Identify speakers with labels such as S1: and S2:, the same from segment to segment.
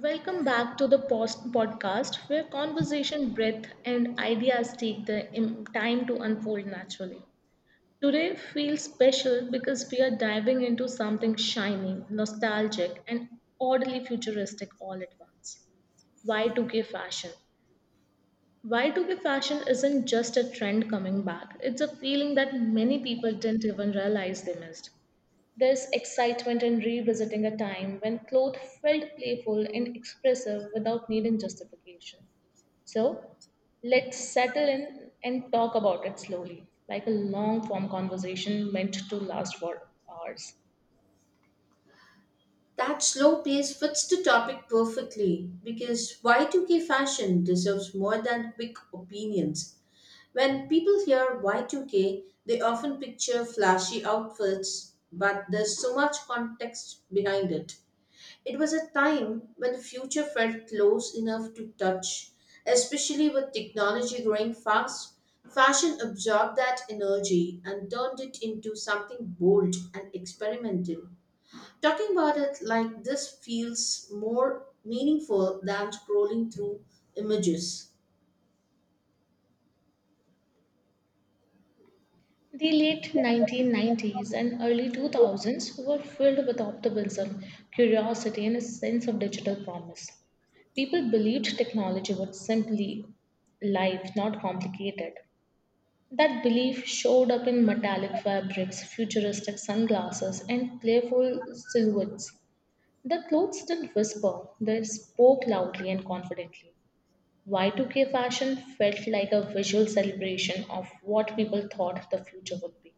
S1: Welcome back to the Post Podcast, where conversation, breath, and ideas take the time to unfold naturally. Today feels special because we are diving into something shiny, nostalgic, and oddly futuristic all at once. Y2K fashion. Y2K fashion isn't just a trend coming back, it's a feeling that many people didn't even realize they missed. There's excitement in revisiting a time when clothes felt playful and expressive without needing justification. So let's settle in and talk about it slowly, like a long form conversation meant to last for hours.
S2: That slow pace fits the topic perfectly because Y2K fashion deserves more than quick opinions. When people hear Y2K, they often picture flashy outfits, but there's so much context behind it. It was a time when the future felt close enough to touch, especially with technology growing fast. Fashion absorbed that energy and turned it into something bold and experimental. Talking about it like this feels more meaningful than scrolling through images.
S1: The late 1990s and early 2000s were filled with optimism, curiosity, and a sense of digital promise. People believed technology would simply life, not complicated. That belief showed up in metallic fabrics, futuristic sunglasses, and playful silhouettes. The clothes didn't whisper, they spoke loudly and confidently. Y2K fashion felt like a visual celebration of what people thought the future would be.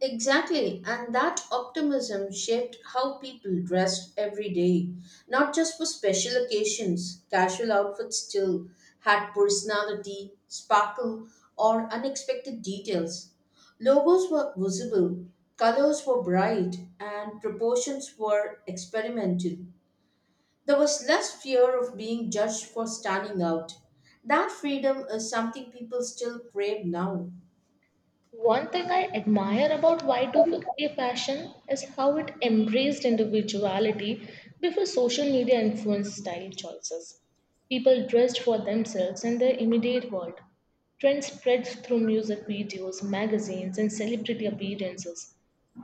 S2: Exactly, and that optimism shaped how people dressed every day, not just for special occasions. Casual outfits still had personality, sparkle, or unexpected details. Logos were visible, colors were bright, and proportions were experimental. There was less fear of being judged for standing out. That freedom is something people still crave now.
S1: One thing I admire about Y2K fashion is how it embraced individuality before social media influenced style choices. People dressed for themselves and their immediate world. Trends spread through music videos, magazines, and celebrity appearances.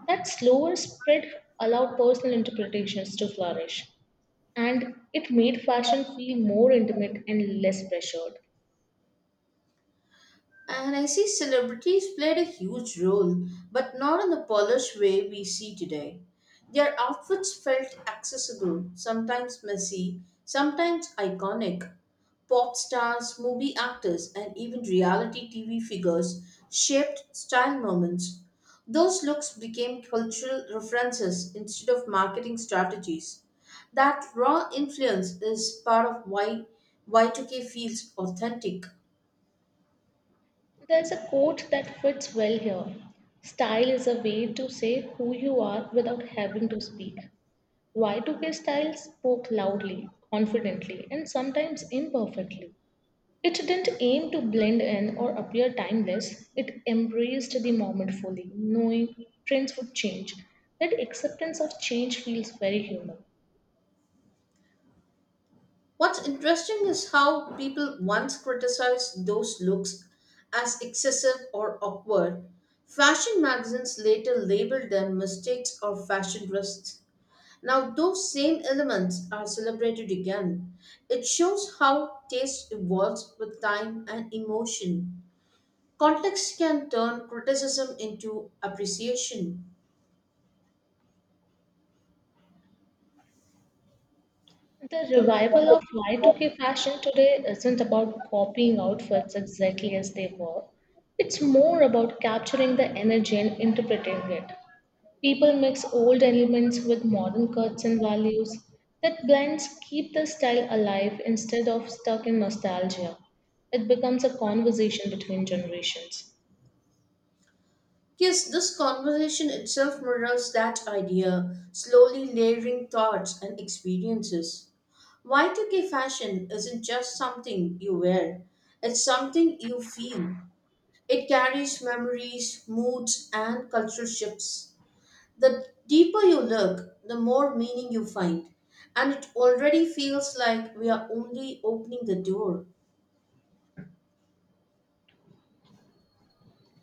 S1: That slower spread allowed personal interpretations to flourish, and it made fashion feel more intimate and less pressured.
S2: And I see celebrities played a huge role, but not in the polished way we see today. Their outfits felt accessible, sometimes messy, sometimes iconic. Pop stars, movie actors, and even reality TV figures shaped style moments. Those looks became cultural references instead of marketing strategies. That raw influence is part of why Y2K feels authentic.
S1: There's a quote that fits well here. Style is a way to say who you are without having to speak. Y2K style spoke loudly, confidently, and sometimes imperfectly. It didn't aim to blend in or appear timeless, it embraced the moment fully, knowing trends would change. That acceptance of change feels very human.
S2: What's interesting is how people once criticized those looks as excessive or awkward. Fashion magazines later labeled them mistakes or fashion risks. Now, those same elements are celebrated again. It shows how taste evolves with time and emotion. Context can turn criticism into appreciation.
S1: The revival of Y2K fashion today isn't about copying outfits exactly as they were. It's more about capturing the energy and interpreting it. People mix old elements with modern cuts and values. That blends keep the style alive instead of stuck in nostalgia. It becomes a conversation between generations.
S2: Yes, this conversation itself mirrors that idea, slowly layering thoughts and experiences. Y2K fashion isn't just something you wear, it's something you feel. It carries memories, moods, and cultural shifts. The deeper you look, the more meaning you find. And it already feels like we are only opening the door.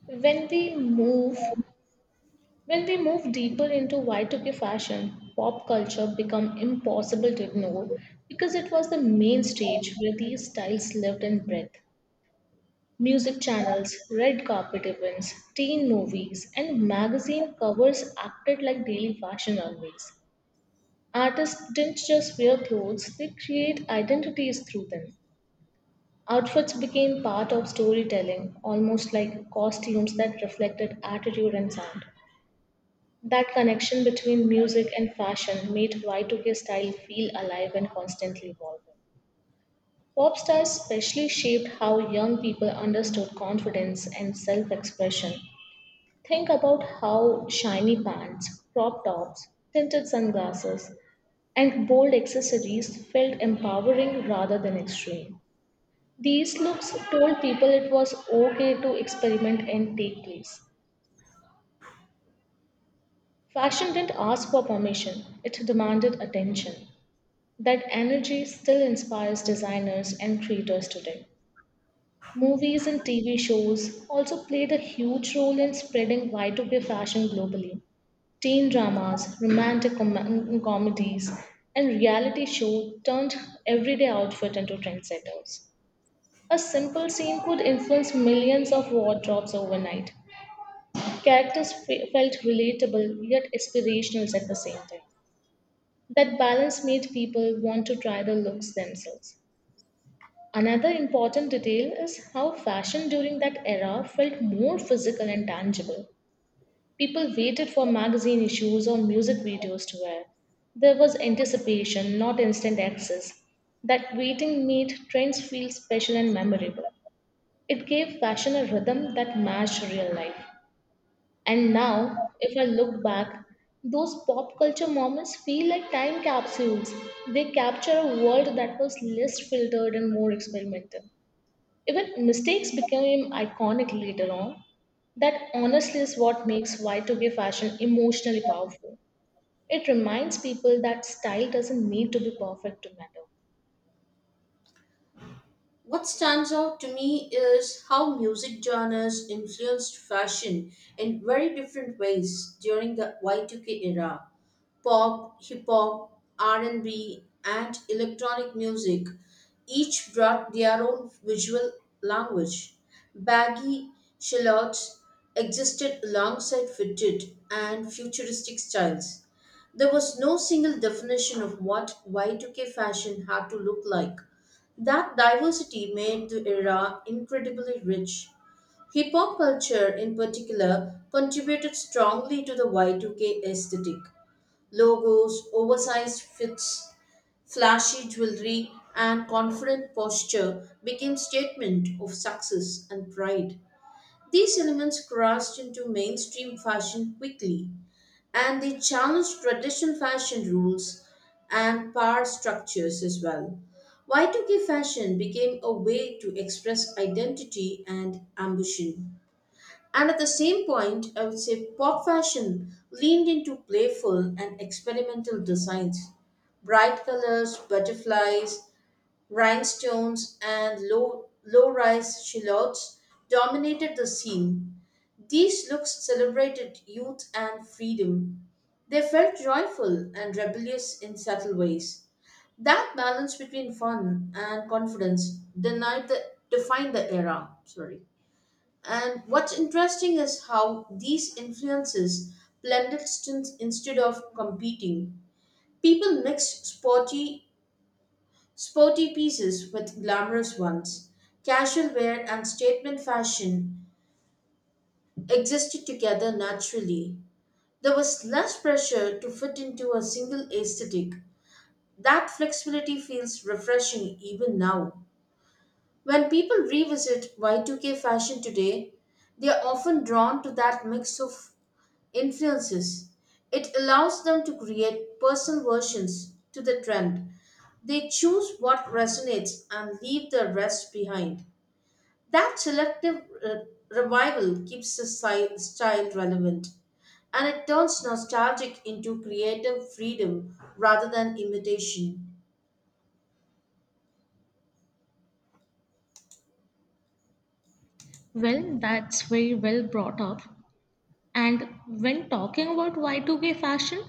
S1: When we move When we move deeper into Y2K fashion, pop culture became impossible to ignore because it was the main stage where these styles lived and breathed. Music channels, red carpet events, teen movies, and magazine covers acted like daily fashion always. Artists didn't just wear clothes, they create identities through them. Outfits became part of storytelling, almost like costumes that reflected attitude and sound. That connection between music and fashion made Y2K style feel alive and constantly evolving. Pop stars especially shaped how young people understood confidence and self expression. Think about how shiny pants, crop tops, tinted sunglasses, and bold accessories felt empowering rather than extreme. These looks told people it was okay to experiment and take risks. Fashion didn't ask for permission, it demanded attention. That energy still inspires designers and creators today. Movies and TV shows also played a huge role in spreading Y2K fashion globally. Teen dramas, romantic comedies, and reality shows turned everyday outfit into trendsetters. A simple scene could influence millions of wardrobes overnight. Characters felt relatable yet aspirational at the same time. That balance made people want to try the looks themselves. Another important detail is how fashion during that era felt more physical and tangible. People waited for magazine issues or music videos to wear. There was anticipation, not instant access. That waiting made trends feel special and memorable. It gave fashion a rhythm that matched real life. And now, if I look back, those pop culture moments feel like time capsules. They capture a world that was less filtered and more experimental. Even mistakes became iconic later on. That honestly is what makes Y2K fashion emotionally powerful. It reminds people that style doesn't need to be perfect to matter.
S2: What stands out to me is how music genres influenced fashion in very different ways during the Y2K era. Pop, hip hop, R&B, and electronic music each brought their own visual language. Baggy shallots existed alongside fitted and futuristic styles. There was no single definition of what Y2K fashion had to look like. That diversity made the era incredibly rich. Hip hop culture, in particular, contributed strongly to the Y2K aesthetic. Logos, oversized fits, flashy jewelry, and confident posture became statement of success and pride. These elements crashed into mainstream fashion quickly, and they challenge traditional fashion rules and power structures as well. Y2K fashion became a way to express identity and ambition. And at the same point, I would say pop fashion leaned into playful and experimental designs, bright colors, butterflies, rhinestones, and low-rise silhouettes dominated the scene. These looks celebrated youth and freedom. They felt joyful and rebellious in subtle ways. That balance between fun and confidence denied the, defined the era. Sorry. And what's interesting is how these influences blended stints instead of competing. People mixed Sporty pieces with glamorous ones, casual wear and statement fashion existed together naturally. There was less pressure to fit into a single aesthetic. That flexibility feels refreshing even now. When people revisit Y2K fashion today, they are often drawn to that mix of influences. It allows them to create personal versions to the trend. They choose what resonates and leave the rest behind. That revival keeps the style relevant and it turns nostalgic into creative freedom rather than imitation.
S1: Well, that's very well brought up. And when talking about Y2K fashion,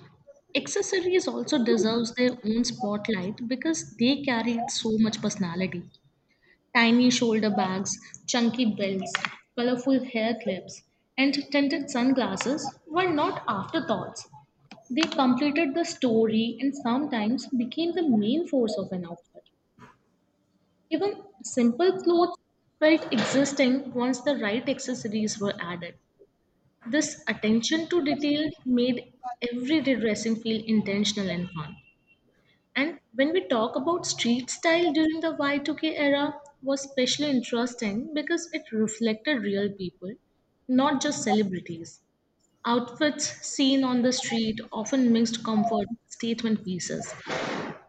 S1: accessories also deserves their own spotlight because they carry so much personality. Tiny shoulder bags, chunky belts, colorful hair clips, and tinted sunglasses were not afterthoughts. They completed the story and sometimes became the main force of an outfit. Even simple clothes felt existing once the right accessories were added. This attention to detail made everyday dressing feel intentional and fun. And when we talk about street style during the Y2K era, was especially interesting because it reflected real people, not just celebrities. Outfits seen on the street often mixed comfort with statement pieces.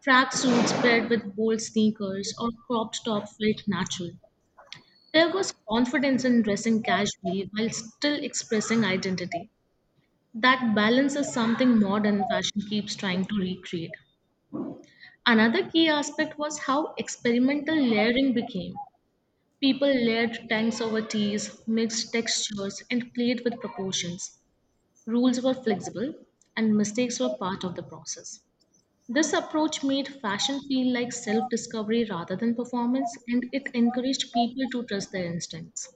S1: Track suits paired with bold sneakers or cropped top felt natural. There was confidence in dressing casually while still expressing identity. That balance is something modern fashion keeps trying to recreate. Another key aspect was how experimental layering became. People layered tanks over teas, mixed textures, and played with proportions. Rules were flexible, and mistakes were part of the process. This approach made fashion feel like self discovery rather than performance, and it encouraged people to trust their instincts.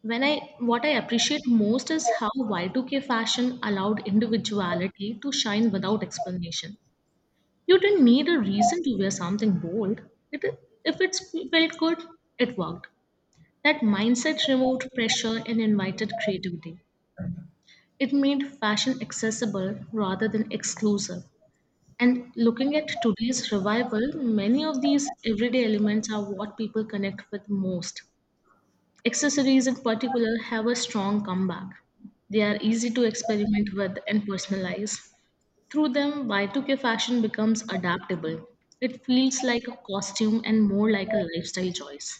S1: What I appreciate most is how Y2K fashion allowed individuality to shine without explanation. You didn't need a reason to wear something bold. It, if it felt good, it worked. That mindset removed pressure and invited creativity. It made fashion accessible rather than exclusive. And looking at today's revival, many of these everyday elements are what people connect with most. Accessories, in particular, have a strong comeback. They are easy to experiment with and personalize. Through them, Y2K fashion becomes adaptable. It feels like a costume and more like a lifestyle choice.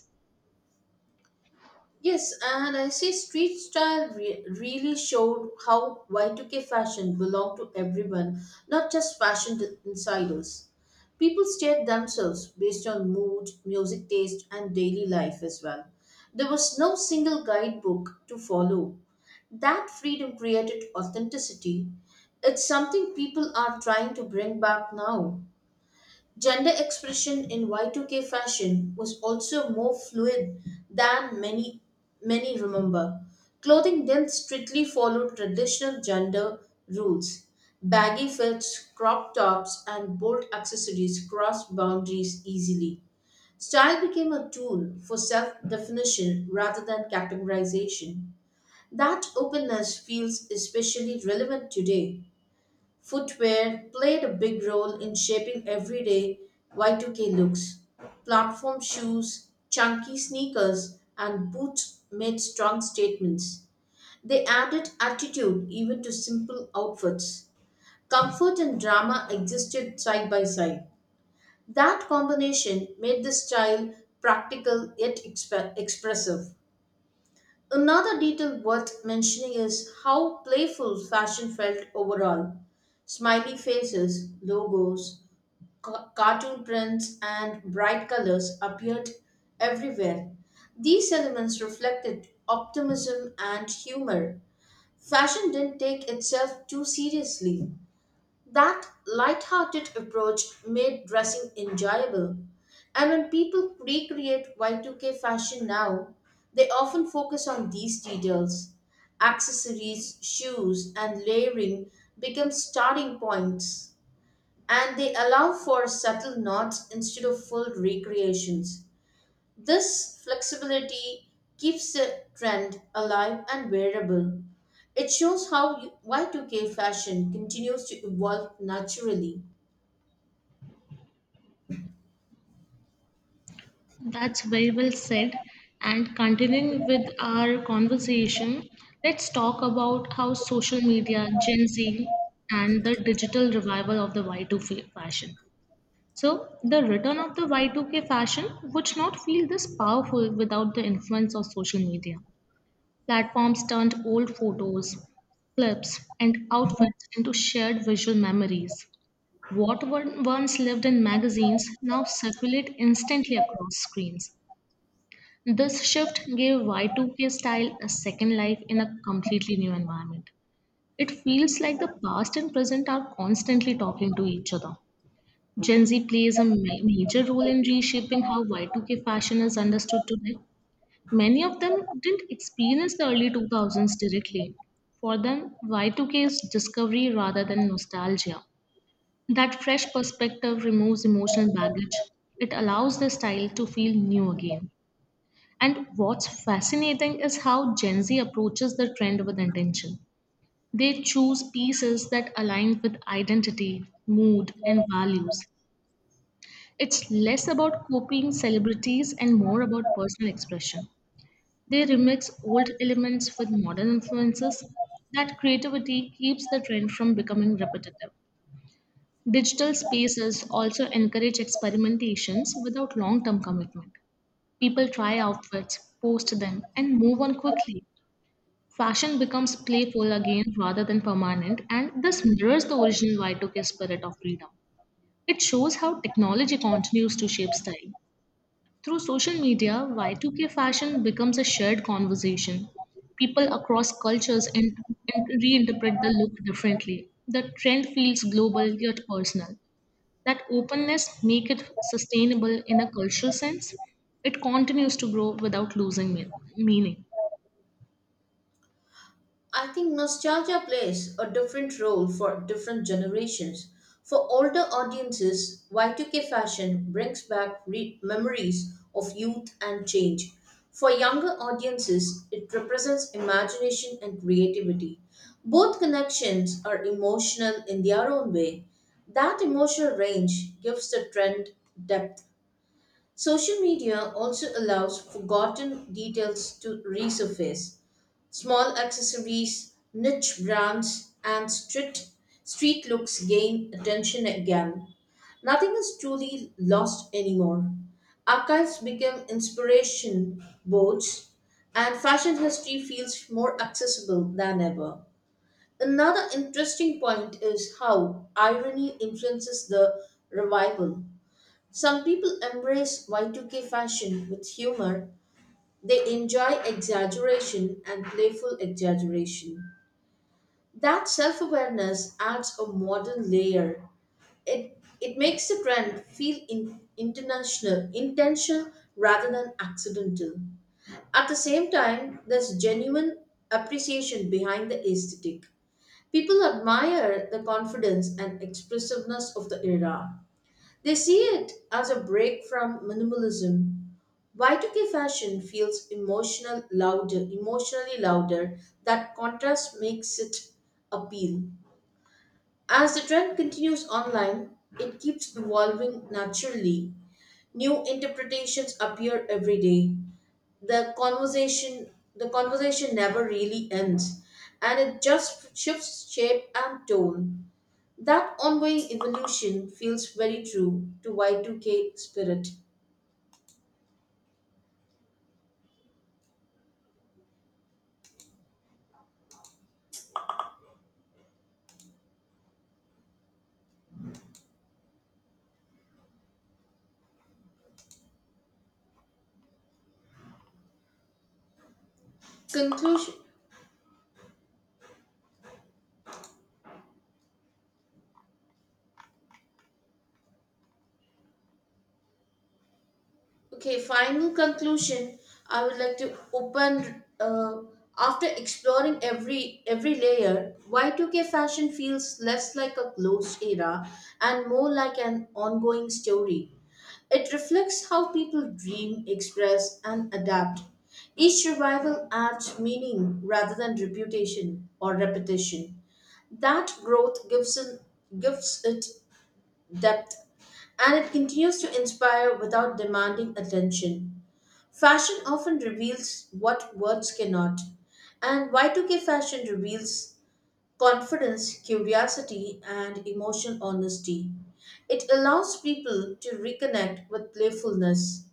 S2: Yes, and I see street style really showed how Y2K fashion belonged to everyone, not just fashion insiders. People steered themselves based on mood, music taste, and daily life as well. There was no single guidebook to follow. That freedom created authenticity. It's something people are trying to bring back now. Gender expression in Y2K fashion was also more fluid than many remember. Clothing then strictly followed traditional gender rules. Baggy fits, crop tops, and bold accessories crossed boundaries easily. Style became a tool for self definition rather than categorization. That openness feels especially relevant today. Footwear played a big role in shaping everyday Y2K looks. Platform shoes, chunky sneakers, and boots made strong statements. They added attitude even to simple outfits. Comfort and drama existed side by side. That combination made the style practical yet expressive. Another detail worth mentioning is how playful fashion felt overall. Smiley faces, logos, cartoon prints, and bright colors appeared everywhere. These elements reflected optimism and humor. Fashion didn't take itself too seriously. That light-hearted approach made dressing enjoyable. And when people recreate Y2K fashion now, they often focus on these details. Accessories, shoes, and layering become starting points, and they allow for subtle nods instead of full recreations. This flexibility keeps the trend alive and wearable. It shows how Y2K fashion continues to evolve naturally.
S1: That's very well said. And continuing with our conversation, let's talk about how social media, Gen Z, and the digital revival of the Y2K fashion. So, the return of the Y2K fashion would not feel this powerful without the influence of social media. Platforms turned old photos, clips, and outfits into shared visual memories. What once lived in magazines now circulate instantly across screens. This shift gave Y2K style a second life in a completely new environment. It feels like the past and present are constantly talking to each other. Gen Z plays a major role in reshaping how Y2K fashion is understood today. Many of them didn't experience the early 2000s directly. For them, Y2K is discovery rather than nostalgia. That fresh perspective removes emotional baggage. It allows the style to feel new again. And what's fascinating is how Gen Z approaches the trend with intention. They choose pieces that align with identity, mood, and values. It's less about copying celebrities and more about personal expression. They remix old elements with modern influences. That creativity keeps the trend from becoming repetitive. Digital spaces also encourage experimentations without long term commitment. People try outfits, post them, and move on quickly. Fashion becomes playful again rather than permanent, and this mirrors the original Y2K spirit of freedom. It shows how technology continues to shape style. Through social media, Y2K fashion becomes a shared conversation. People across cultures and reinterpret the look differently. The trend feels global yet personal. That openness makes it sustainable in a cultural sense. It continues to grow without losing meaning.
S2: I think nostalgia plays a different role for different generations. For older audiences, Y2K fashion brings back memories of youth and change. For younger audiences, it represents imagination and creativity. Both connections are emotional in their own way. That emotional range gives the trend depth. Social media also allows forgotten details to resurface. Small accessories, niche brands, and street looks gain attention again. Nothing is truly lost anymore. Archives become inspiration boards, and fashion history feels more accessible than ever. Another interesting point is how irony influences the revival. Some people embrace Y2K fashion with humor. They enjoy exaggeration and playful exaggeration. That self awareness adds a modern layer. It makes the trend feel intentional rather than accidental. At the same time, there's genuine appreciation behind the aesthetic. People admire the confidence and expressiveness of the era. They see it as a break from minimalism. Y2K fashion feels emotionally louder. That contrast makes it appeal. As the trend continues online, it keeps evolving naturally. New interpretations appear every day. The conversation the conversation never really ends and it just shifts shape and tone. That ongoing evolution feels very true to Y2K spirit. Conclusion. Okay, final conclusion. I would like to open. After exploring every layer, Y2K fashion feels less like a closed era and more like an ongoing story. It reflects how people dream, express, and adapt. Each revival adds meaning rather than reputation or repetition. That growth gives it depth and it continues to inspire without demanding attention. Fashion often reveals what words cannot, and Y2K fashion reveals confidence, curiosity, and emotional honesty. It allows people to reconnect with playfulness.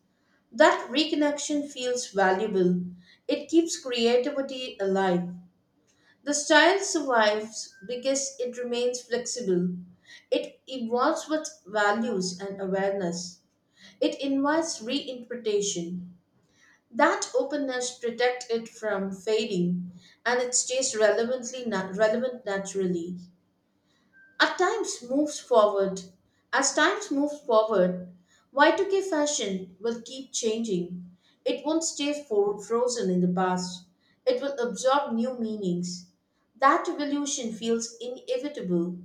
S2: That reconnection feels valuable. It keeps creativity alive. The style survives because it remains flexible. It evolves with values and awareness. It invites reinterpretation. That openness protects it from fading and it stays relevant naturally. At times moves forward. As times moves forward, Y2K fashion will keep changing. It won't stay for frozen in the past. It will absorb new meanings. That evolution feels inevitable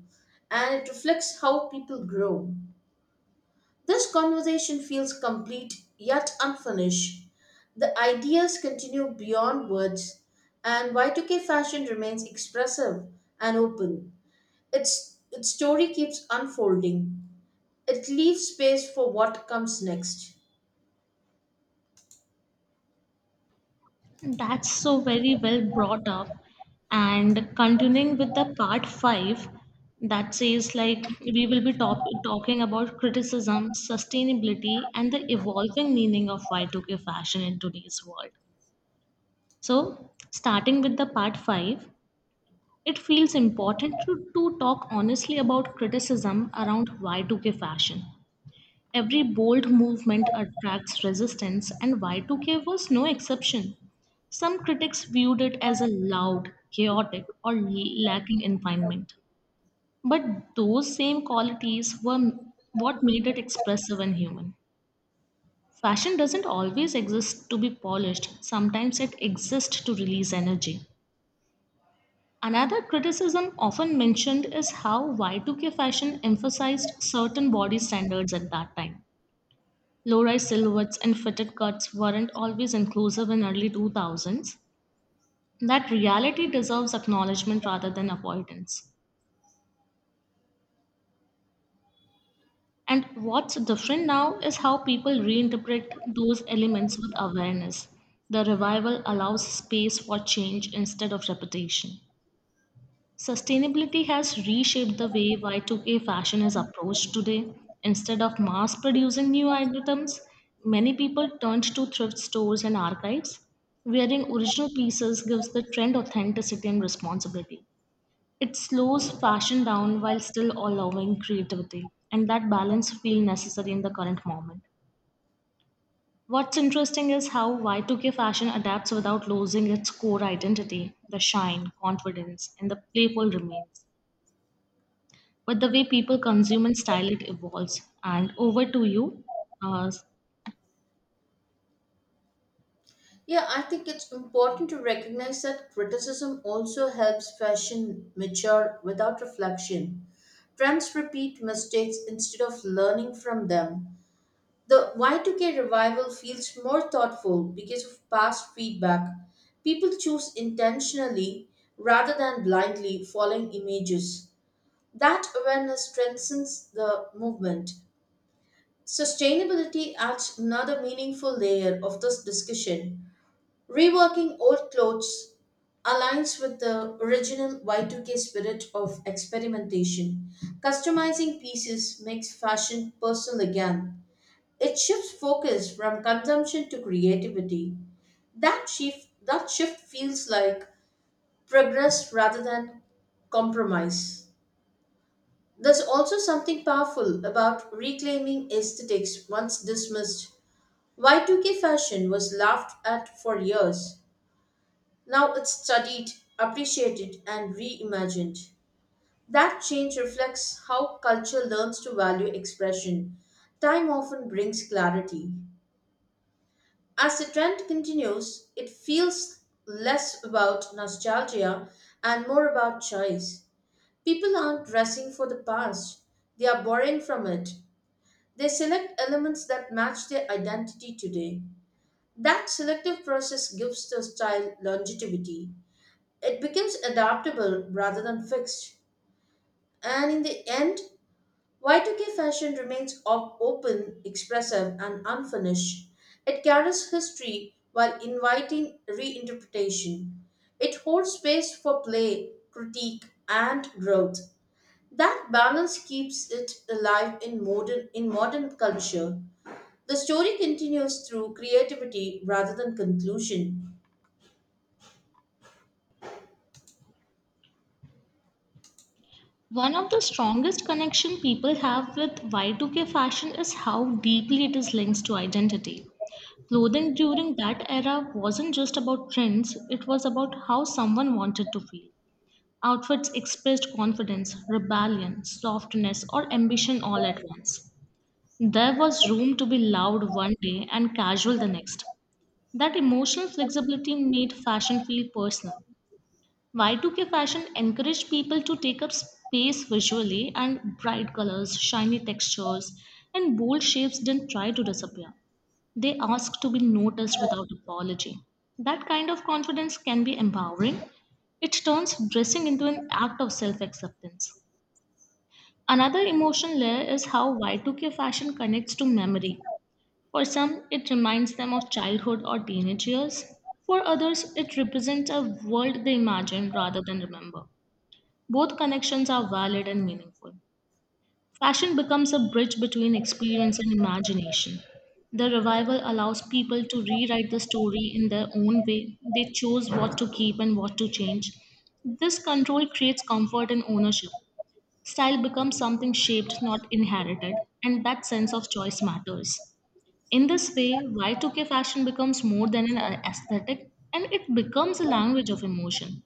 S2: and it reflects how people grow. This conversation feels complete yet unfinished. The ideas continue beyond words, and Y2K fashion remains expressive and open. Its story keeps unfolding. It leaves space for what comes next.
S1: That's so very well brought up. And continuing with the part five, that says like we will be talking about criticism, sustainability, and the evolving meaning of Y2K fashion in today's world. So, starting with the part five, it feels important to talk honestly about criticism around Y2K fashion. Every bold movement attracts resistance, and Y2K was no exception. Some critics viewed it as a loud, chaotic, or lacking environment. But those same qualities were what made it expressive and human. Fashion doesn't always exist to be polished, sometimes it exists to release energy. Another criticism often mentioned is how Y2K fashion emphasized certain body standards at that time. Low-rise silhouettes and fitted cuts weren't always inclusive in early 2000s. That reality deserves acknowledgement rather than avoidance, and what's different now is how people reinterpret those elements with awareness. The revival allows space for change instead of repetition. Sustainability has reshaped the way Y2K fashion is approached today. Instead of mass producing new items, many people turned to thrift stores and archives. Wearing original pieces gives the trend authenticity and responsibility. It slows fashion down while still allowing creativity, and that balance feels necessary in the current moment. What's interesting is how Y2K fashion adapts without losing its core identity. The shine, confidence, and the playful remains, but the way people consume and style it evolves. And over to you. Uh,
S2: Yeah, I think it's important to recognize that criticism also helps fashion mature without reflection. Trends repeat mistakes instead of learning from them. The Y2K revival feels more thoughtful because of past feedback. People choose intentionally rather than blindly following images. That awareness strengthens the movement. Sustainability adds another meaningful layer of this discussion. Reworking old clothes aligns with the original Y2K spirit of experimentation. Customizing pieces makes fashion personal again. It shifts focus from consumption to creativity. That shift feels like progress rather than compromise. There's also something powerful about reclaiming aesthetics once dismissed. Y2K fashion was laughed at for years. Now it's studied, appreciated, and reimagined. That change reflects how culture learns to value expression. Time often brings clarity. As the trend continues, it feels less about nostalgia and more about choice. People aren't dressing for the past, they are borrowing from it. They select elements that match their identity today. That selective process gives the style longevity. It becomes adaptable rather than fixed. And in the end, Y2K fashion remains open, expressive, and unfinished. It carries history while inviting reinterpretation. It holds space for play, critique, and growth. That balance keeps it alive in modern culture. The story continues through creativity rather than conclusion.
S1: One of the strongest connection people have with Y2K fashion is how deeply it is linked to identity. Clothing during that era wasn't just about trends, it was about how someone wanted to feel. Outfits expressed confidence, rebellion, softness, or ambition all at once. There was room to be loud one day and casual the next. That emotional flexibility made fashion feel personal. Y2K fashion encouraged people to take up space visually, and bright colors, shiny textures, and bold shapes didn't try to disappear. They asked to be noticed without apology. That kind of confidence can be empowering. It turns dressing into an act of self acceptance. Another emotion layer is how Y2K fashion connects to memory. For some, it reminds them of childhood or teenage years. For others, it represents a world they imagine rather than remember. Both connections are valid and meaningful. Fashion becomes a bridge between experience and imagination. The revival allows people to rewrite the story in their own way. They choose what to keep and what to change. This control creates comfort and ownership. Style becomes something shaped, not inherited, and that sense of choice matters. In this way, Y2K fashion becomes more than an aesthetic and it becomes a language of emotion.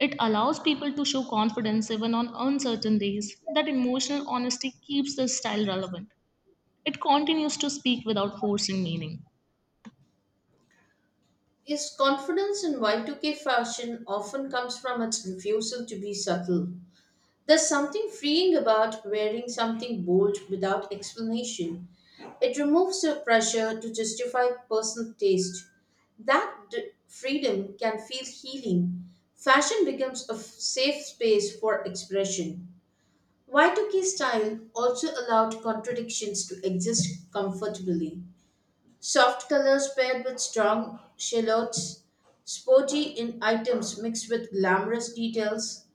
S1: It allows people to show confidence even on uncertain days. That emotional honesty keeps the style relevant. It continues to speak without forcing meaning.
S2: His confidence in Y2K fashion often comes from its refusal to be subtle. There's something freeing about wearing something bold without explanation. It removes the pressure to justify personal taste. That freedom can feel healing. Fashion becomes a safe space for expression. Y2K style also allowed contradictions to exist comfortably. Soft colors paired with strong shallots, sporty in items mixed with glamorous details.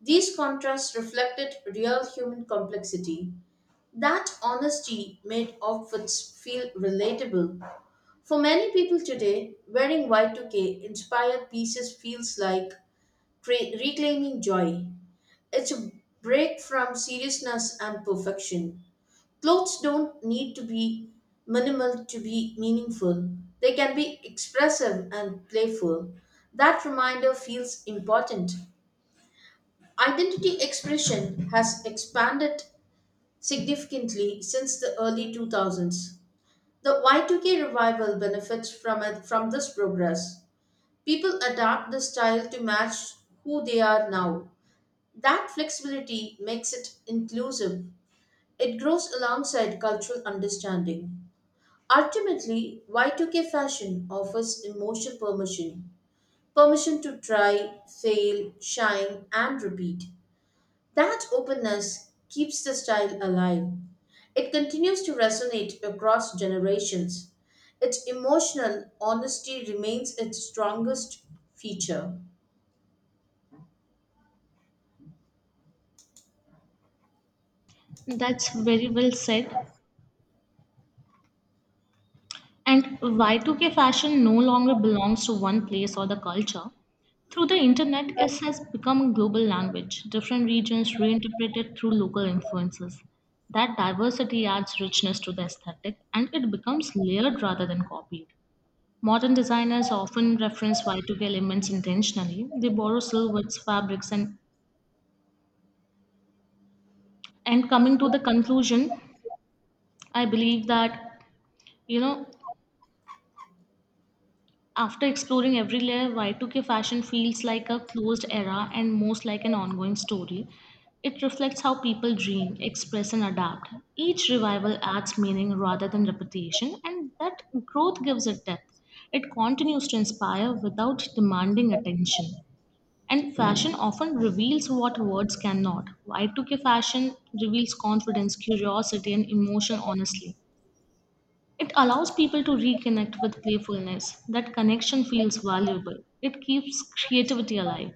S2: These contrasts reflected real human complexity. That honesty made outfits feel relatable. For many people today, wearing Y2K inspired pieces feels like reclaiming joy. It's a break from seriousness and perfection. Clothes don't need to be minimal to be meaningful, they can be expressive and playful. That reminder feels important. Identity expression has expanded significantly since the early 2000s. The Y2K revival benefits from this progress. People adapt the style to match who they are now. That flexibility makes it inclusive. It grows alongside cultural understanding. Ultimately, Y2K fashion offers emotional permission to try, fail, shine, and repeat. That openness keeps the style alive. It continues to resonate across generations. Its emotional honesty remains its strongest feature.
S1: That's very well said. And Y2K fashion no longer belongs to one place or the culture. Through the internet, it has become a global language. Different regions reinterpret it through local influences. That diversity adds richness to the aesthetic and it becomes layered rather than copied. Modern designers often reference Y2K elements intentionally. They borrow silhouettes, fabrics, and coming to the conclusion, I believe that you know after exploring every layer, Y2K fashion feels like a closed era and most like an ongoing story. It reflects how people dream, express, and adapt. Each revival adds meaning rather than repetition, and that growth gives it depth. It continues to inspire without demanding attention. And fashion often reveals what words cannot. Y2K fashion reveals confidence, curiosity, and emotion honestly. It allows people to reconnect with playfulness. That connection feels valuable. It keeps creativity alive.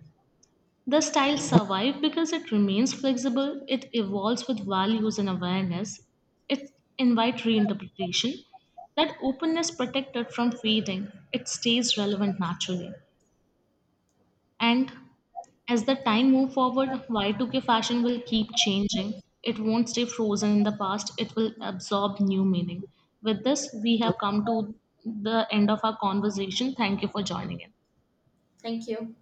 S1: The style survives because it remains flexible, it evolves with values and awareness, it invites reinterpretation. That openness protects it from fading, it stays relevant naturally. And as the time move forward, Y2K fashion will keep changing. It won't stay frozen in the past. It will absorb new meaning. With this, we have come to the end of our conversation. Thank you for joining in.
S2: Thank you.